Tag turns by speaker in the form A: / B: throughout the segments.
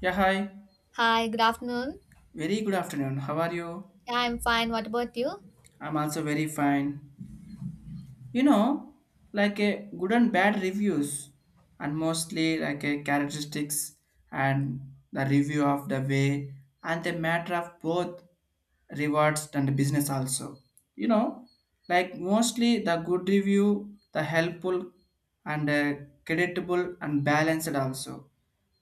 A: Yeah, hi.
B: Hi, good afternoon.
A: Very good afternoon. How are you?
B: Yeah, I'm fine. What about you?
A: I'm also very fine. You know, like a good and bad reviews, and mostly like a characteristics, and the review of the way, and the matter of both rewards and business also. You know, like mostly the good review the helpful, and creditable and balanced also,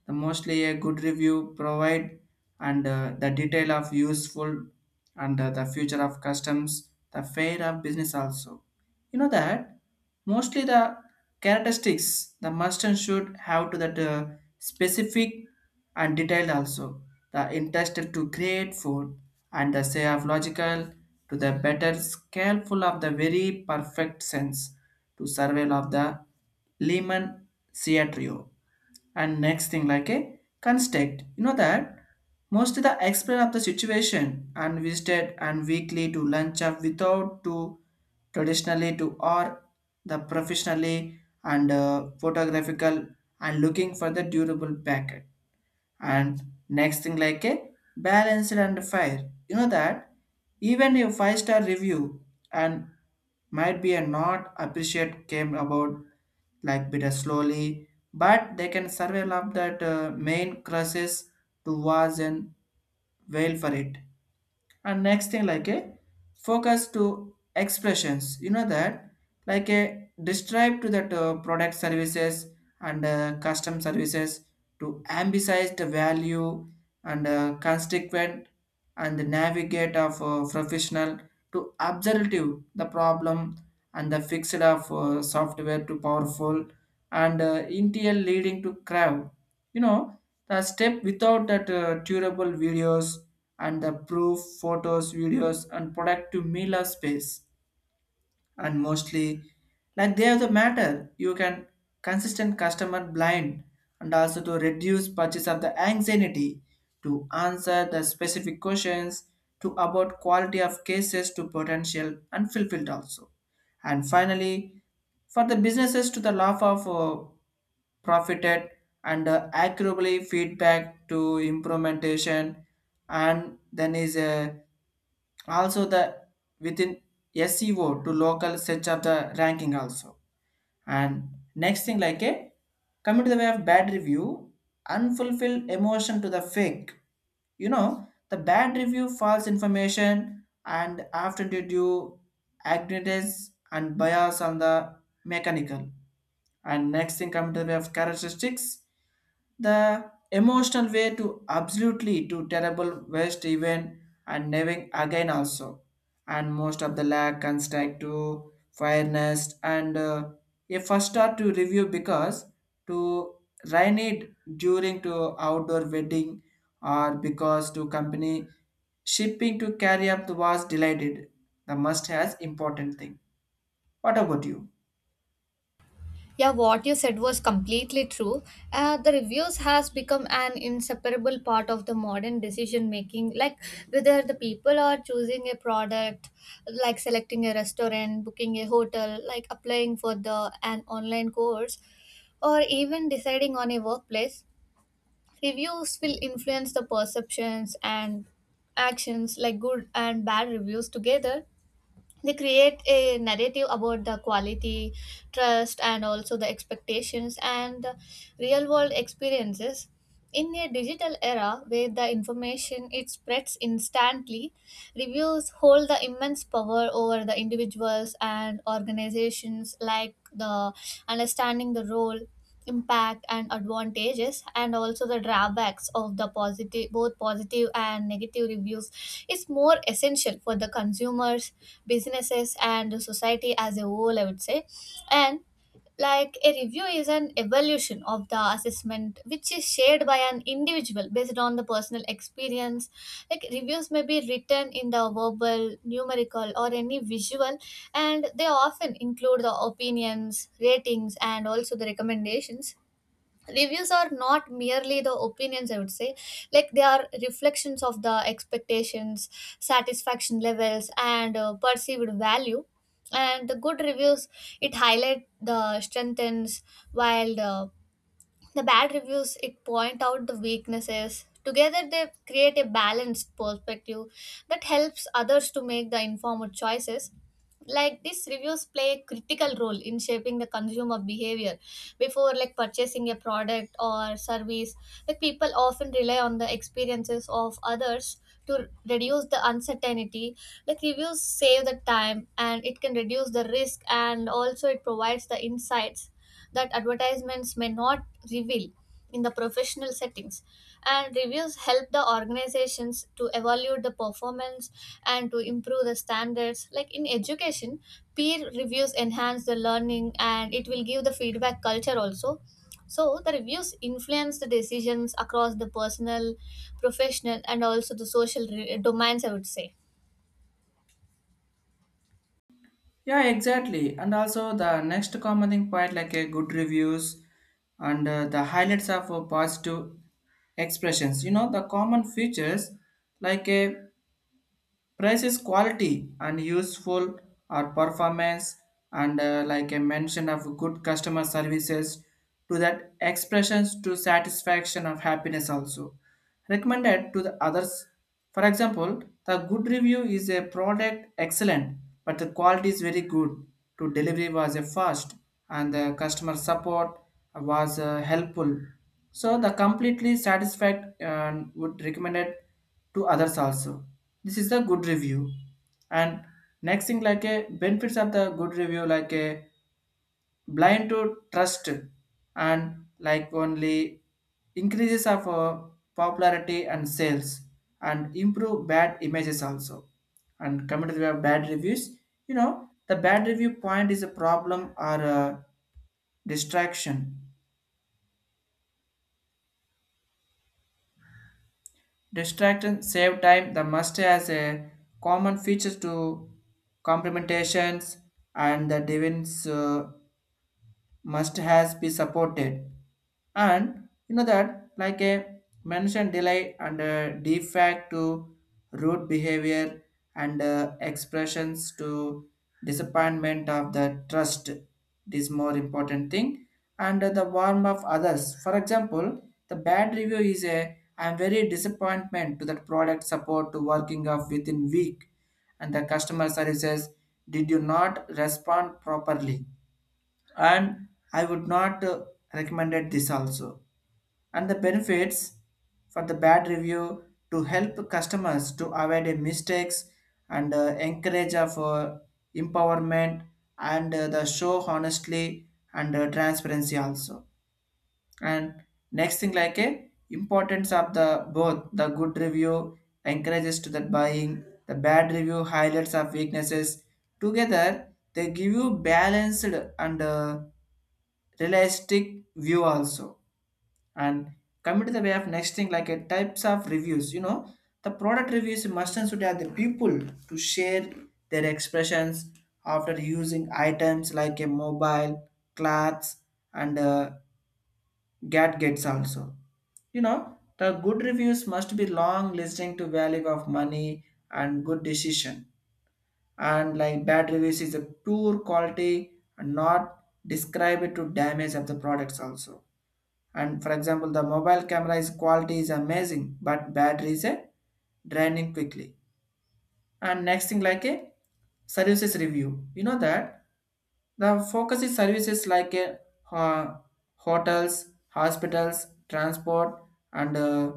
A: the mostly a good review provide, and the detail of useful, and the future of customs the fair of business also. You know that mostly the characteristics the mustard should have to that specific and detailed also. The interested to create food and the say of logical to the better scaleful of the very perfect sense to survival of the Lehman Theatrio. And next thing, like a construct, you know that most of the explain of the situation and visited and weekly to lunch up without to traditionally to, or the professionally and photographical and looking for the durable packet. And next thing, like a balanced and fair, you know that even a five-star review, and might be a not appreciate came about, like bit of slowly, but they can survive up that main crosses to was and wail for it. And next thing, like a focus to expressions, you know that like a describe to that product services and custom services to emphasize the value, and constituent, and the navigate of professional to observative the problem, and the fixed of software to powerful, and intel leading to crowd. You know, the step without that durable videos, and the proof photos videos and product to mila space. And mostly, like they have the matter you can consistent customer blind, and also to reduce purchase of the anxiety, to answer the specific questions, to about quality of cases to potential and fulfilled also. And finally, for the businesses to the law of profited, and accurately feedback to implementation, and then is a also the within SEO to local search of the ranking also. And next thing, like a coming to the way of bad review, unfulfilled emotion to the fake. You know, the bad review, false information, and after due to ignorance and bias on the mechanical. And next thing come to the way of characteristics, the emotional way to absolutely to terrible waste even and never again also. And most of the lack and strike to fairness and a first start to review because to rain it during to outdoor wedding or because to company shipping to carry up the was delighted. The must has important thing. What about you?
B: Yeah, what you said was completely true. The reviews has become an inseparable part of the modern decision making. Like whether the people are choosing a product, like selecting a restaurant, booking a hotel, like applying for the an online course, or even deciding on a workplace, reviews will influence the perceptions and actions. Like good and bad reviews together, they create a narrative about the quality, trust, and also the expectations and the real world experiences. In a digital era where the information it spreads instantly, reviews hold the immense power over the individuals and organizations. Like the understanding the role, impact, and advantages, and also the drawbacks of the positive, both positive and negative reviews is more essential for the consumers, businesses, and the society as a whole, I would say. And like a review is an evolution of the assessment which is shared by an individual based on the personal experience. Like reviews may be written in the verbal, numerical, or any visual, and they often include the opinions, ratings, and also the recommendations. Reviews are not merely the opinions, I would say. Like they are reflections of the expectations, satisfaction levels, and perceived value. And the good reviews, it highlight the strengthens, while the bad reviews, it point out the weaknesses. Together they create a balanced perspective that helps others to make the informed choices. Like these reviews play a critical role in shaping the consumer behavior before like purchasing a product or service. Like people often rely on the experiences of others to reduce the uncertainty. Like reviews save the time and it can reduce the risk, and also it provides the insights that advertisements may not reveal. In the professional settings, and reviews help the organizations to evaluate the performance and to improve the standards. Like in education, peer reviews enhance the learning and it will give the feedback culture also. So the reviews influence the decisions across the personal, professional, and also the social domains, I would say.
A: Yeah, exactly. And also the next common thing quite like a good reviews, and the highlights of positive expressions. You know the common features like a price is quality and useful, or performance, and like I mentioned of good customer services to that expressions to satisfaction of happiness also, recommended to the others. For example, the good review is a product excellent, but the quality is very good. To delivery was a fast, and the customer support was helpful. So the completely satisfied and would recommended to others also. This is a good review. And next thing, like a benefits of the good review, like a blind to trust, and like only increases of popularity and sales, and improve bad images also. And coming to the bad reviews, you know the bad review point is a problem or a distraction. Distract save time. The must has a common features to complementations and the divines. Must has be supported. And you know that like a mention delay and a defect to root behavior, and expressions to disappointment of the trust. It is more important thing, and the warmth of others. For example, the bad review is a I'm very disappointment to that product support to working of within week, and the customer services did you not respond properly, and I would not recommended this also. And the benefits for the bad review to help customers to avoid mistakes, and encourage of empowerment, and the show honestly, and transparency also. And next thing, like a importance of the both the good review encourages to the buying, the bad review highlights of weaknesses. Together they give you balanced and realistic view also. And coming to the way of next thing, like a types of reviews, you know the product reviews must and should have the people to share their expressions after using items like a mobile, clothes, and gadgets also. You know, the good reviews must be long listening to value of money and good decision. And like bad reviews is a pure quality and not describe it to damage of the products also. And for example, the mobile camera is quality is amazing, but battery is a draining quickly. And next thing, like a services review. You know that the focus is services like a, ho- hotels, hospitals, transport, and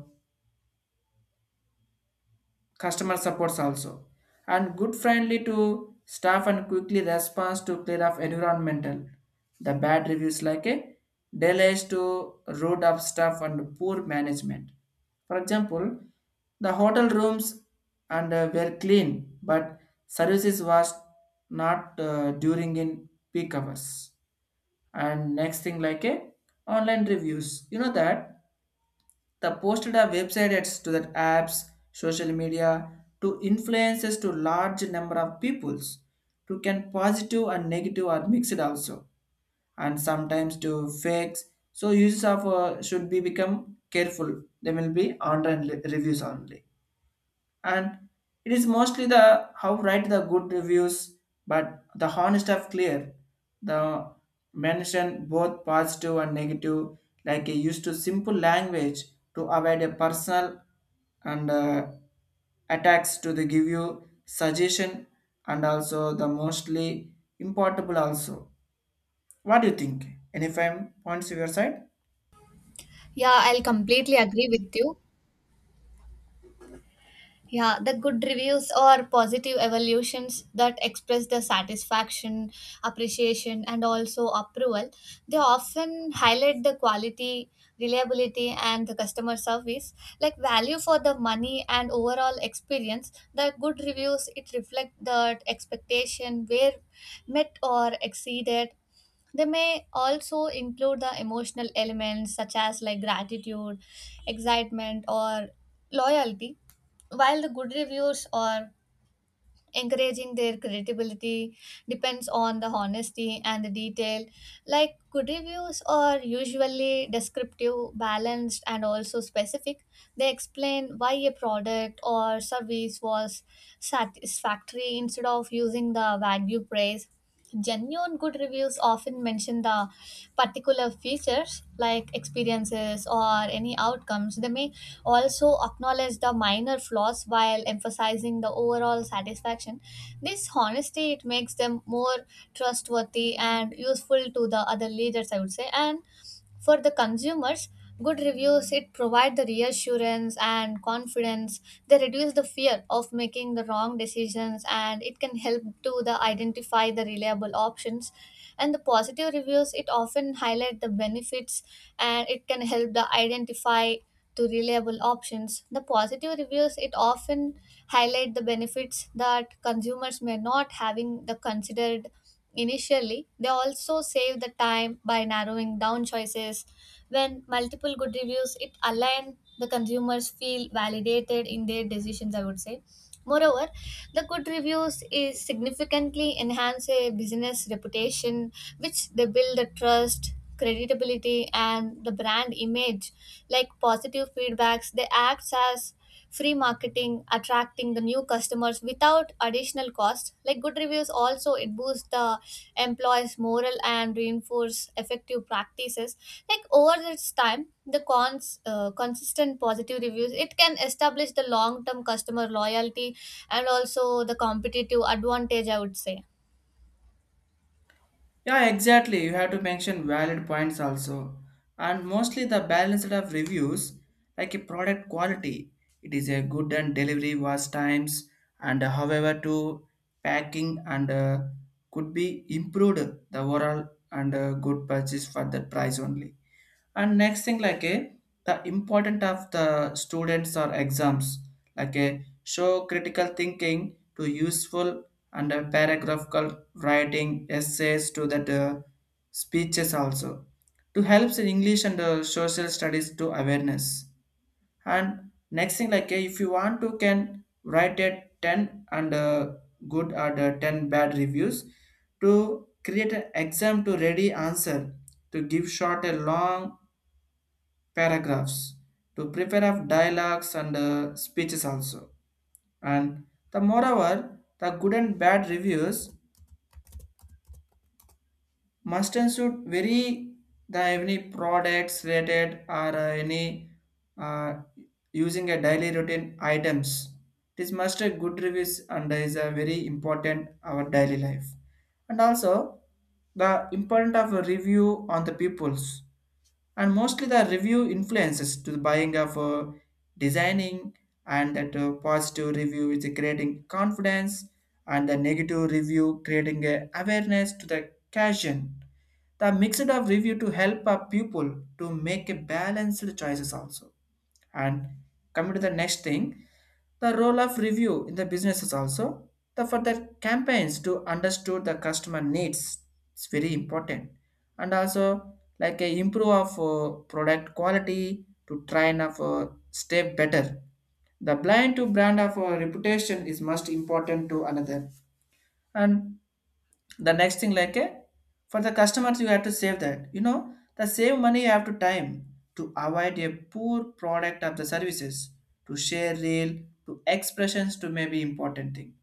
A: customer supports also, and good friendly to staff and quickly responds to clear up environmental. The bad reviews like a delays to road up staff and poor management. For example, the hotel rooms and were clean but services was not during in peak hours. And next thing, like a online reviews, you know that the posted a website ads to that apps, social media, to influences to large number of peoples, to can positive and negative are mixed also, and sometimes to fakes. So users of should be become careful. They will be online reviews only. And it is mostly the how write the good reviews, but the honest of clear, the mention both positive and negative, like a used to simple language, to avoid a personal and attacks, to the give you suggestion, and also the mostly importable also. What do you think? Any fine points of your side?
B: Yeah, I'll completely agree with you. Yeah, the good reviews or positive evolutions that express the satisfaction, appreciation, and also approval. They often highlight the quality, reliability, and the customer service, like value for the money and overall experience. The good reviews it reflect that expectation where met or exceeded. They may also include the emotional elements such as like gratitude, excitement, or loyalty. While the good reviews or encouraging, their credibility depends on the honesty and the detail. Like good reviews are usually descriptive, balanced, and also specific. They explain why a product or service was satisfactory instead of using the vague praise. Genuine good reviews often mention the particular features, like experiences or any outcomes. They may also acknowledge the minor flaws while emphasizing the overall satisfaction. This honesty it makes them more trustworthy and useful to the other leaders, I would say. And for the consumers, good reviews it provide the reassurance and confidence. They reduce the fear of making the wrong decisions and it can help to the identify the reliable options. And the positive reviews it often highlight the benefits and it can help the identify to reliable options. The positive reviews it often highlight the benefits that consumers may not having the considered. Initially, they also save the time by narrowing down choices. When multiple good reviews, it align, the consumers feel validated in their decisions, I would say. Moreover, the good reviews is significantly enhance a business reputation, which they build the trust, credibility, and the brand image. Like positive feedbacks, they acts as free marketing, attracting the new customers without additional cost. Like good reviews also it boosts the employees moral and reinforce effective practices. Like over this time, the cons, consistent positive reviews it can establish the long term customer loyalty and also the competitive advantage, I would say.
A: Yeah, exactly. You have to mention valid points also. And mostly the balance of reviews, like a product quality. It is a good and delivery was times, and however to packing and could be improved the overall, and good purchase for that price only. And next thing, like a the important of the students or exams, like a show critical thinking to useful, and a paragraphical writing essays to that speeches also, to helps in English and social studies to awareness. And next thing, like a, if you want to can write a ten and good, or the ten bad reviews, to create an exam to ready answer, to give short a long paragraphs, to prepare of dialogues and speeches also. And the moreover the good and bad reviews must include very the any products related, or any uh, using a daily routine items. This must a good reviews and is a very important our daily life. And also the importance of a review on the peoples, and mostly the review influences to the buying of designing. And that positive review is creating confidence, and the negative review creating a awareness to the occasion. The mix of review to help our people to make a balanced choices also. And coming to the next thing, the role of review in the business is also the for the campaigns to understand the customer needs. It's very important. And also like a improve of product quality to try and of stay better. The blind to brand of reputation is most important to another. And the next thing, like a for the customers, you have to save that, you know, the save money you have to time, to avoid a poor product of the services, to share real to expressions to maybe important thing.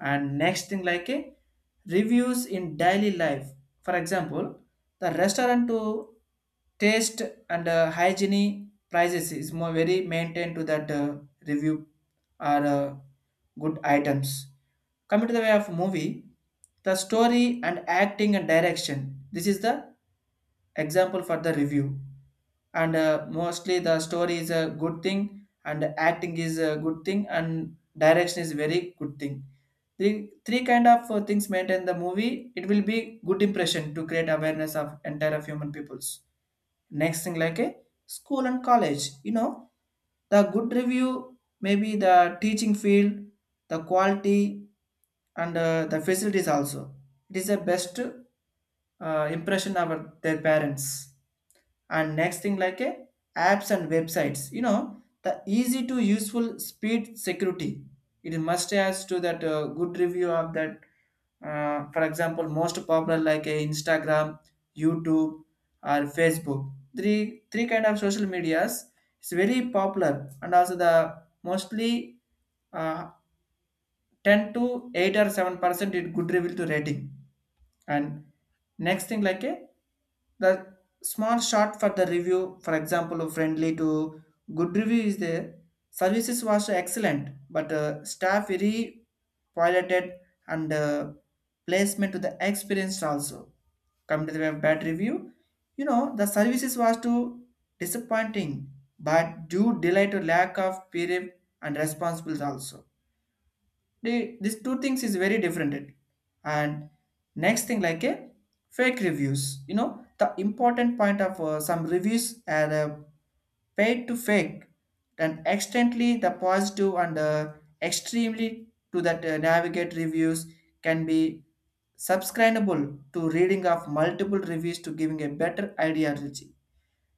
A: And next thing, like a reviews in daily life. For example, the restaurant to taste, and hygiene prices is more very maintained to that review, or good items. Coming to the way of movie, the story and acting and direction. This is the example for the review. And mostly the story is a good thing, and acting is a good thing, and direction is very good thing. Three kind of things maintain the movie. It will be good impression to create awareness of entire of human peoples, next thing like a school and college, you know, the good review maybe the teaching field, the quality, and the facilities also, it is the best impression of their parents. And next thing like a apps and websites, you know, the easy to useful speed security, it must has to that good review of that. Uh, for example most popular like a Instagram, YouTube, or Facebook, three kind of social medias, it's very popular. And also the mostly uh, 10 to 8 or 7% it good reveal to rating. And next thing like a the small shot for the review, for example of friendly to good review is there, services was excellent, but staff very piloted, and placement to the experienced also. Come to the web bad review, you know, the services was too disappointing, but due delay to lack of period and responsibilities also. These two things is very different. It, and next thing like a fake reviews, you know, the important point of some reviews are paid to fake, and extently the positive and extremely to that navigate reviews can be subscribable to reading of multiple reviews to giving a better ideology.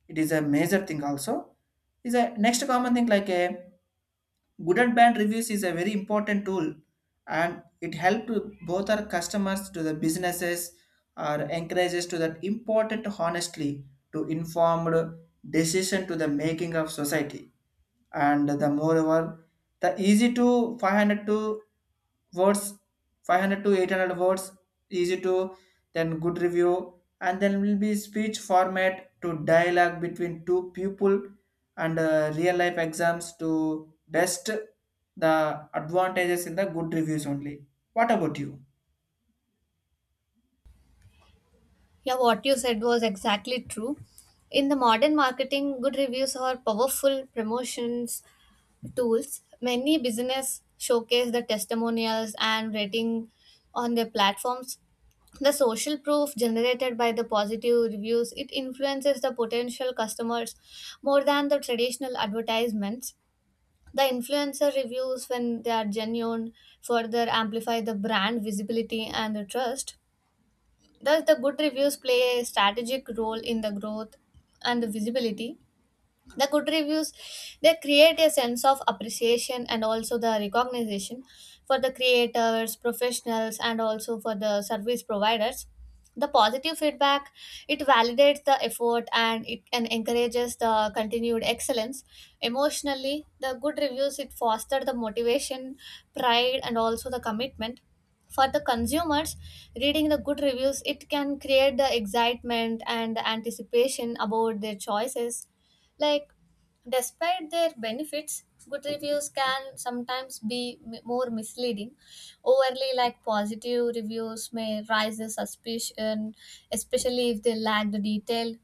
A: It is a major thing also. Is a next common thing like a good and bad reviews is a very important tool, and it helps both our customers to the businesses, or encourages to that important honestly to informed decision to the making of society. And the moreover, the easy to 500 to words, 500 to 800 words, easy to then good review, and then will be speech format to dialogue between two people, and real life exams to test the advantages in the good reviews only. What about you?
B: Yeah, what you said was exactly true. In the modern marketing, good reviews are powerful promotions tools. Many business showcase the testimonials and rating on their platforms. The social proof generated by the positive reviews it influences the potential customers more than the traditional advertisements. The influencer reviews, when they are genuine, further amplify the brand visibility and the trust. Thus, the good reviews play a strategic role in the growth and the visibility. The good reviews, they create a sense of appreciation and also the recognition for the creators, professionals, and also for the service providers. The positive feedback it validates the effort and it and encourages the continued excellence. Emotionally, the good reviews it foster the motivation, pride, and also the commitment. For the consumers, reading the good reviews it can create the excitement and the anticipation about their choices. Like, despite their benefits, good reviews can sometimes be more misleading. Overly, like positive reviews, may raise the suspicion, especially if they lack the detail.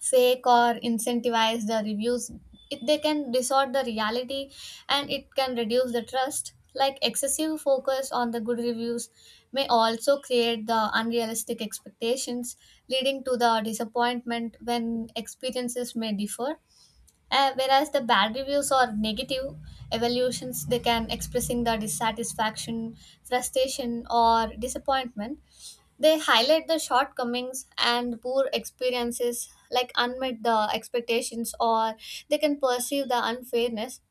B: Fake or incentivize the reviews, it, they can distort the reality and it can reduce the trust. Like, excessive focus on the good reviews may also create the unrealistic expectations, leading to the disappointment when experiences may differ. Whereas the bad reviews or negative evaluations, they can expressing the dissatisfaction, frustration, or disappointment. They highlight the shortcomings and poor experiences, like unmet the expectations, or they can perceive the unfairness.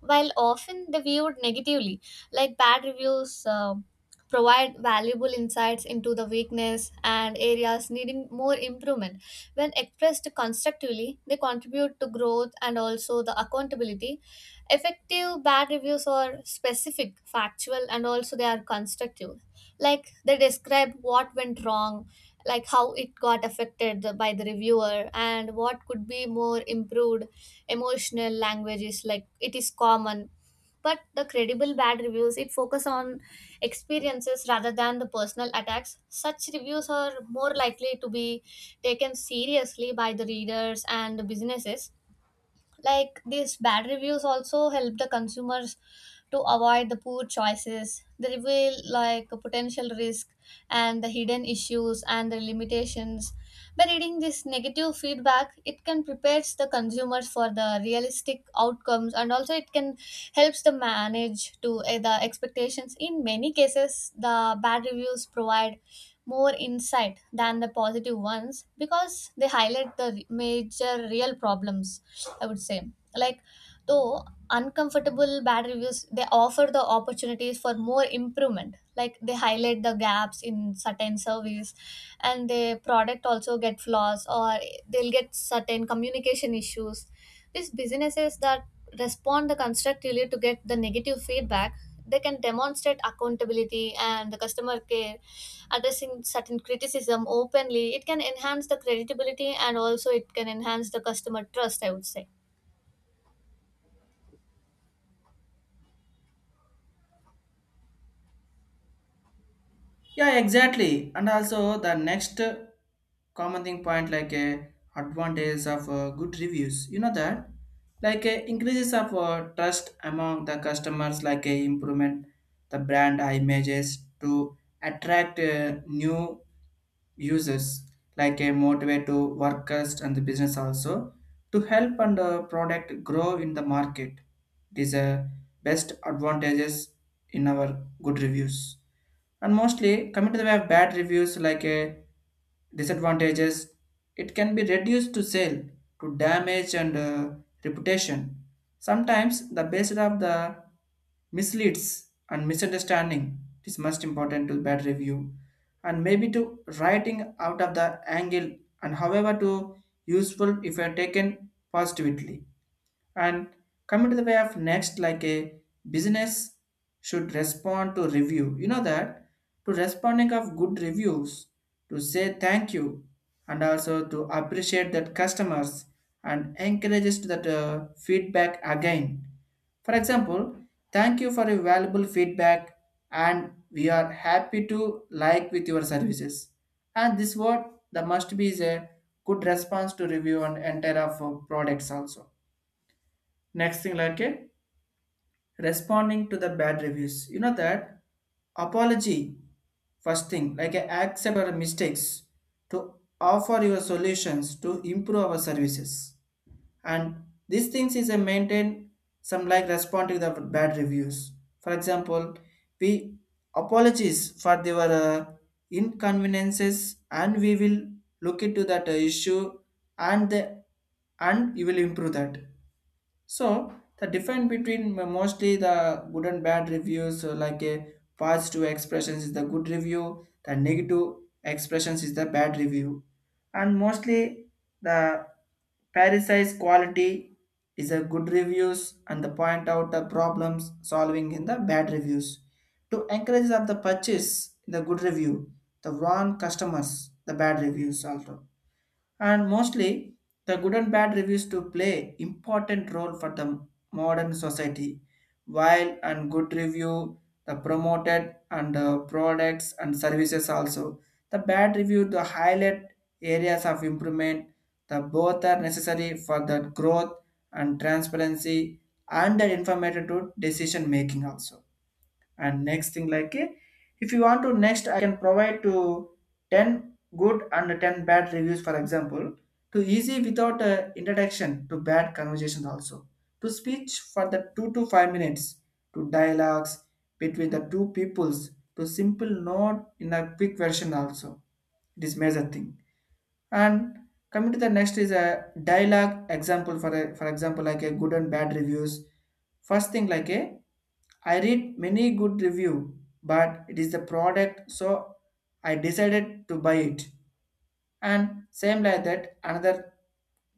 B: While often they viewed negatively, like bad reviews provide valuable insights into the weakness and areas needing more improvement. When expressed constructively, they contribute to growth and also the accountability. Effective bad reviews are specific, factual, and also they are constructive. Like they describe what went wrong, like how it got affected by the reviewer and what could be more improved. Emotional language is like it is common, but the credible bad reviews it focus on experiences rather than the personal attacks. Such reviews are more likely to be taken seriously by the readers and the businesses. Like these bad reviews also help the consumers to avoid the poor choices. They reveal like a potential risk and the hidden issues and the limitations. By reading this negative feedback, it can prepares the consumers for the realistic outcomes, and also it can helps the manage to the expectations. In many cases, the bad reviews provide more insight than the positive ones because they highlight the major real problems, I would say. Like, though uncomfortable, bad reviews, they offer the opportunities for more improvement. Like, they highlight the gaps in certain service, and the product also get flaws, or they'll get certain communication issues. These businesses that respond the constructively to get the negative feedback, they can demonstrate accountability and the customer care. Addressing certain criticism openly, it can enhance the credibility and also it can enhance the customer trust, I would say.
A: Yeah, exactly. And also the next common thing point like a advantage of good reviews. You know that like increases of trust among the customers, like a improvement the brand images to attract new users, like a motivate to workers and the business also, to help and product grow in the market. It is a best advantages in our good reviews. And mostly coming to the way of bad reviews like a disadvantages, it can be reduced to sale, to damage and reputation. Sometimes the basis of the misleads and misunderstanding, it is most important to bad review, and maybe to writing out of the angle, and however to useful if you are taken positively. And coming to the way of next like a business should respond to review, you know that, to responding of good reviews, to say thank you and also to appreciate that customers and encourages to that feedback again. For example, thank you for your valuable feedback and we are happy to like with your services. And this word, the must be is a good response to review and entire of products also. Next thing like a responding to the bad reviews. You know that apology, first thing like a accept our mistakes, to offer your solutions to improve our services. And these things is a maintain some like responding to the bad reviews. For example, we apologies for their inconveniences and we will look into that issue, and the, and you will improve that. So the difference between mostly the good and bad reviews, like a positive expressions is the good review, the negative expressions is the bad review. And mostly the parasite quality is a good reviews and the point out the problems solving in the bad reviews. To encourage of the purchase in the good review, the wrong customers, the bad reviews also. And mostly, the good and bad reviews to play important role for the modern society, while and good review the promoted and products and services also. The bad review the highlight areas of improvement. The both are necessary for the growth and transparency and the informative to decision making also. And next thing like eh, if you want to next I can provide to 10 good and 10 bad reviews for example, to easy without introduction to bad conversations also, to speech for the 2 to 5 minutes, to dialogues between the two peoples to simple note in a quick version also. It is major thing. And coming to the next is a dialogue example for a, for example like a good and bad reviews. First thing like a I read many good review, but it is the product, so I decided to buy it. And same like that, another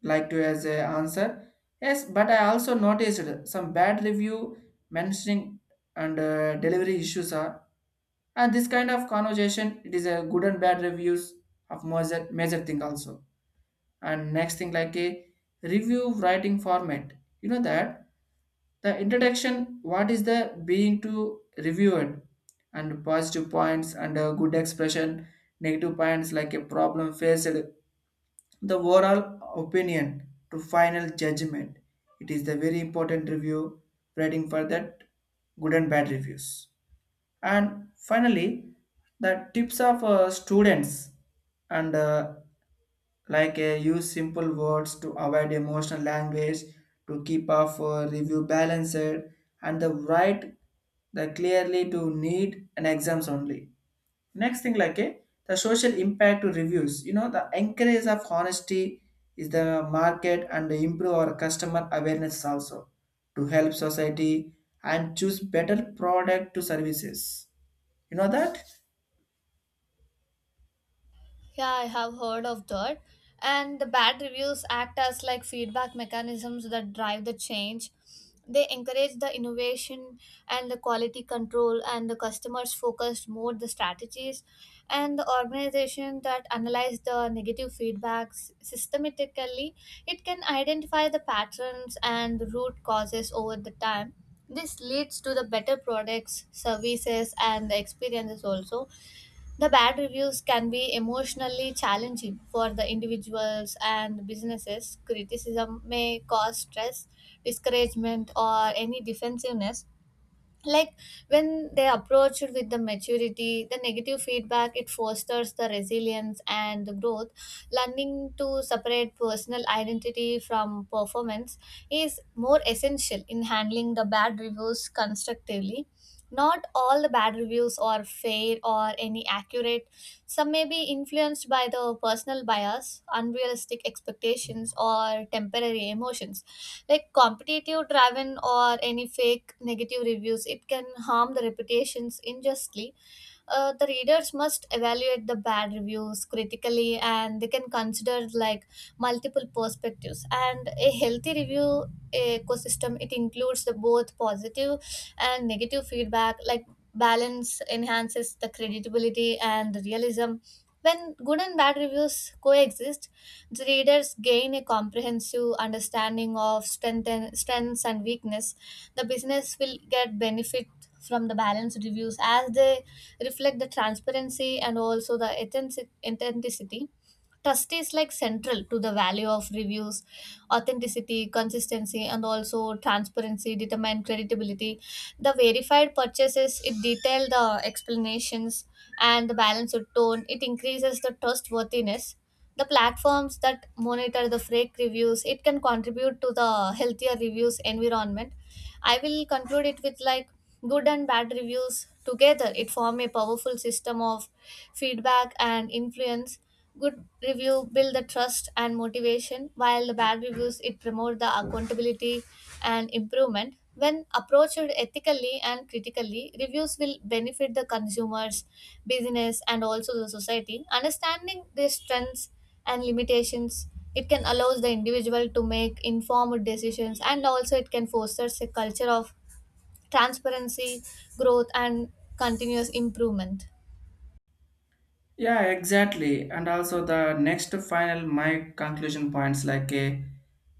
A: like to as a answer. Yes, but I also noticed some bad review mentioning and delivery issues are. And this kind of conversation, it is a good and bad reviews of major thing also. And next thing like a review writing format, you know that the introduction what is the being to review it? And positive points and a good expression, negative points like a problem faced, the overall opinion to final judgment. It is the very important review writing for that good and bad reviews. And finally the tips of students and like use simple words to avoid emotional language, to keep off review balanced and the write the clearly to need and exams only. Next thing like a the social impact to reviews, you know the encourage of honesty is the market and improve our customer awareness also, to help society and choose better product to services, you know that.
B: Yeah, I have heard of that. And the bad reviews act as like feedback mechanisms that drive the change. They encourage the innovation and the quality control, and the customers focused more the strategies. And the organization that analyze the negative feedbacks systematically, it can identify the patterns and the root causes over the time. This leads to the better products, services, and the experiences also. The bad reviews can be emotionally challenging for the individuals and businesses. Criticism may cause stress, discouragement, or any defensiveness. Like when they approached with the maturity, the negative feedback it fosters the resilience and the growth. Learning to separate personal identity from performance is more essential in handling the bad reviews constructively. Not all the bad reviews are fair or any accurate. Some may be influenced by the personal bias, unrealistic expectations, or temporary emotions. Like competitive driven or any fake negative reviews, it can harm the reputations unjustly. The readers must evaluate the bad reviews critically and they can consider like multiple perspectives. And a healthy review ecosystem it includes the both positive and negative feedback. Like balance enhances the credibility and realism. When good and bad reviews coexist, the readers gain a comprehensive understanding of strengths and weakness. The business will get benefit from the balanced reviews as they reflect the transparency and also the authenticity. Trust is like central to the value of reviews. Authenticity, consistency, and also transparency determine credibility. The verified purchases it detail the explanations and the balance of tone. It increases the trustworthiness. The platforms that monitor the fake reviews it can contribute to the healthier reviews environment. I will conclude it with like, good and bad reviews together it form a powerful system of feedback and influence. Good review build the trust and motivation, while the bad reviews it promote the accountability and improvement. When approached ethically and critically, reviews will benefit the consumers, business, and also the society. Understanding their strengths and limitations, it can allow the individual to make informed decisions and also it can foster a culture of transparency, growth, and continuous improvement.
A: Yeah, exactly. And also the next final my conclusion points like a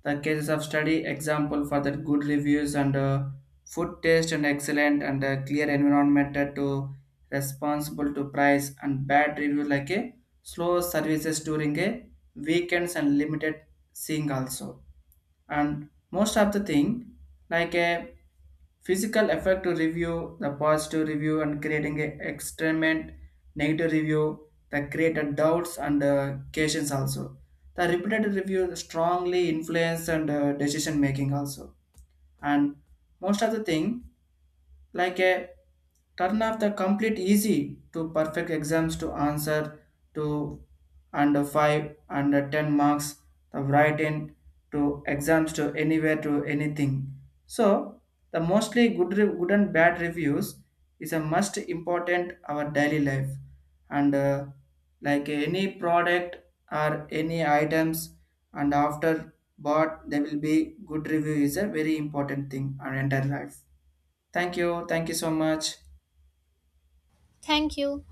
A: the cases of study example for the good reviews and food taste and excellent and clear environment that to responsible to price, and bad review like a slow services during a weekends and limited seeing also. And most of the thing like a physical effect to review, the positive review and creating a experiment, negative review that created doubts and questions also, the repeated review strongly influence and decision making also. And most of the thing like a turn off the complete easy to perfect exams to answer, to under 5 under 10 marks, the write in to exams to anywhere to anything. So the mostly good and bad reviews is a must important our daily life, and like any product or any items, and after bought there will be good review is a very important thing our entire life. Thank you. Thank you so much.
B: Thank you.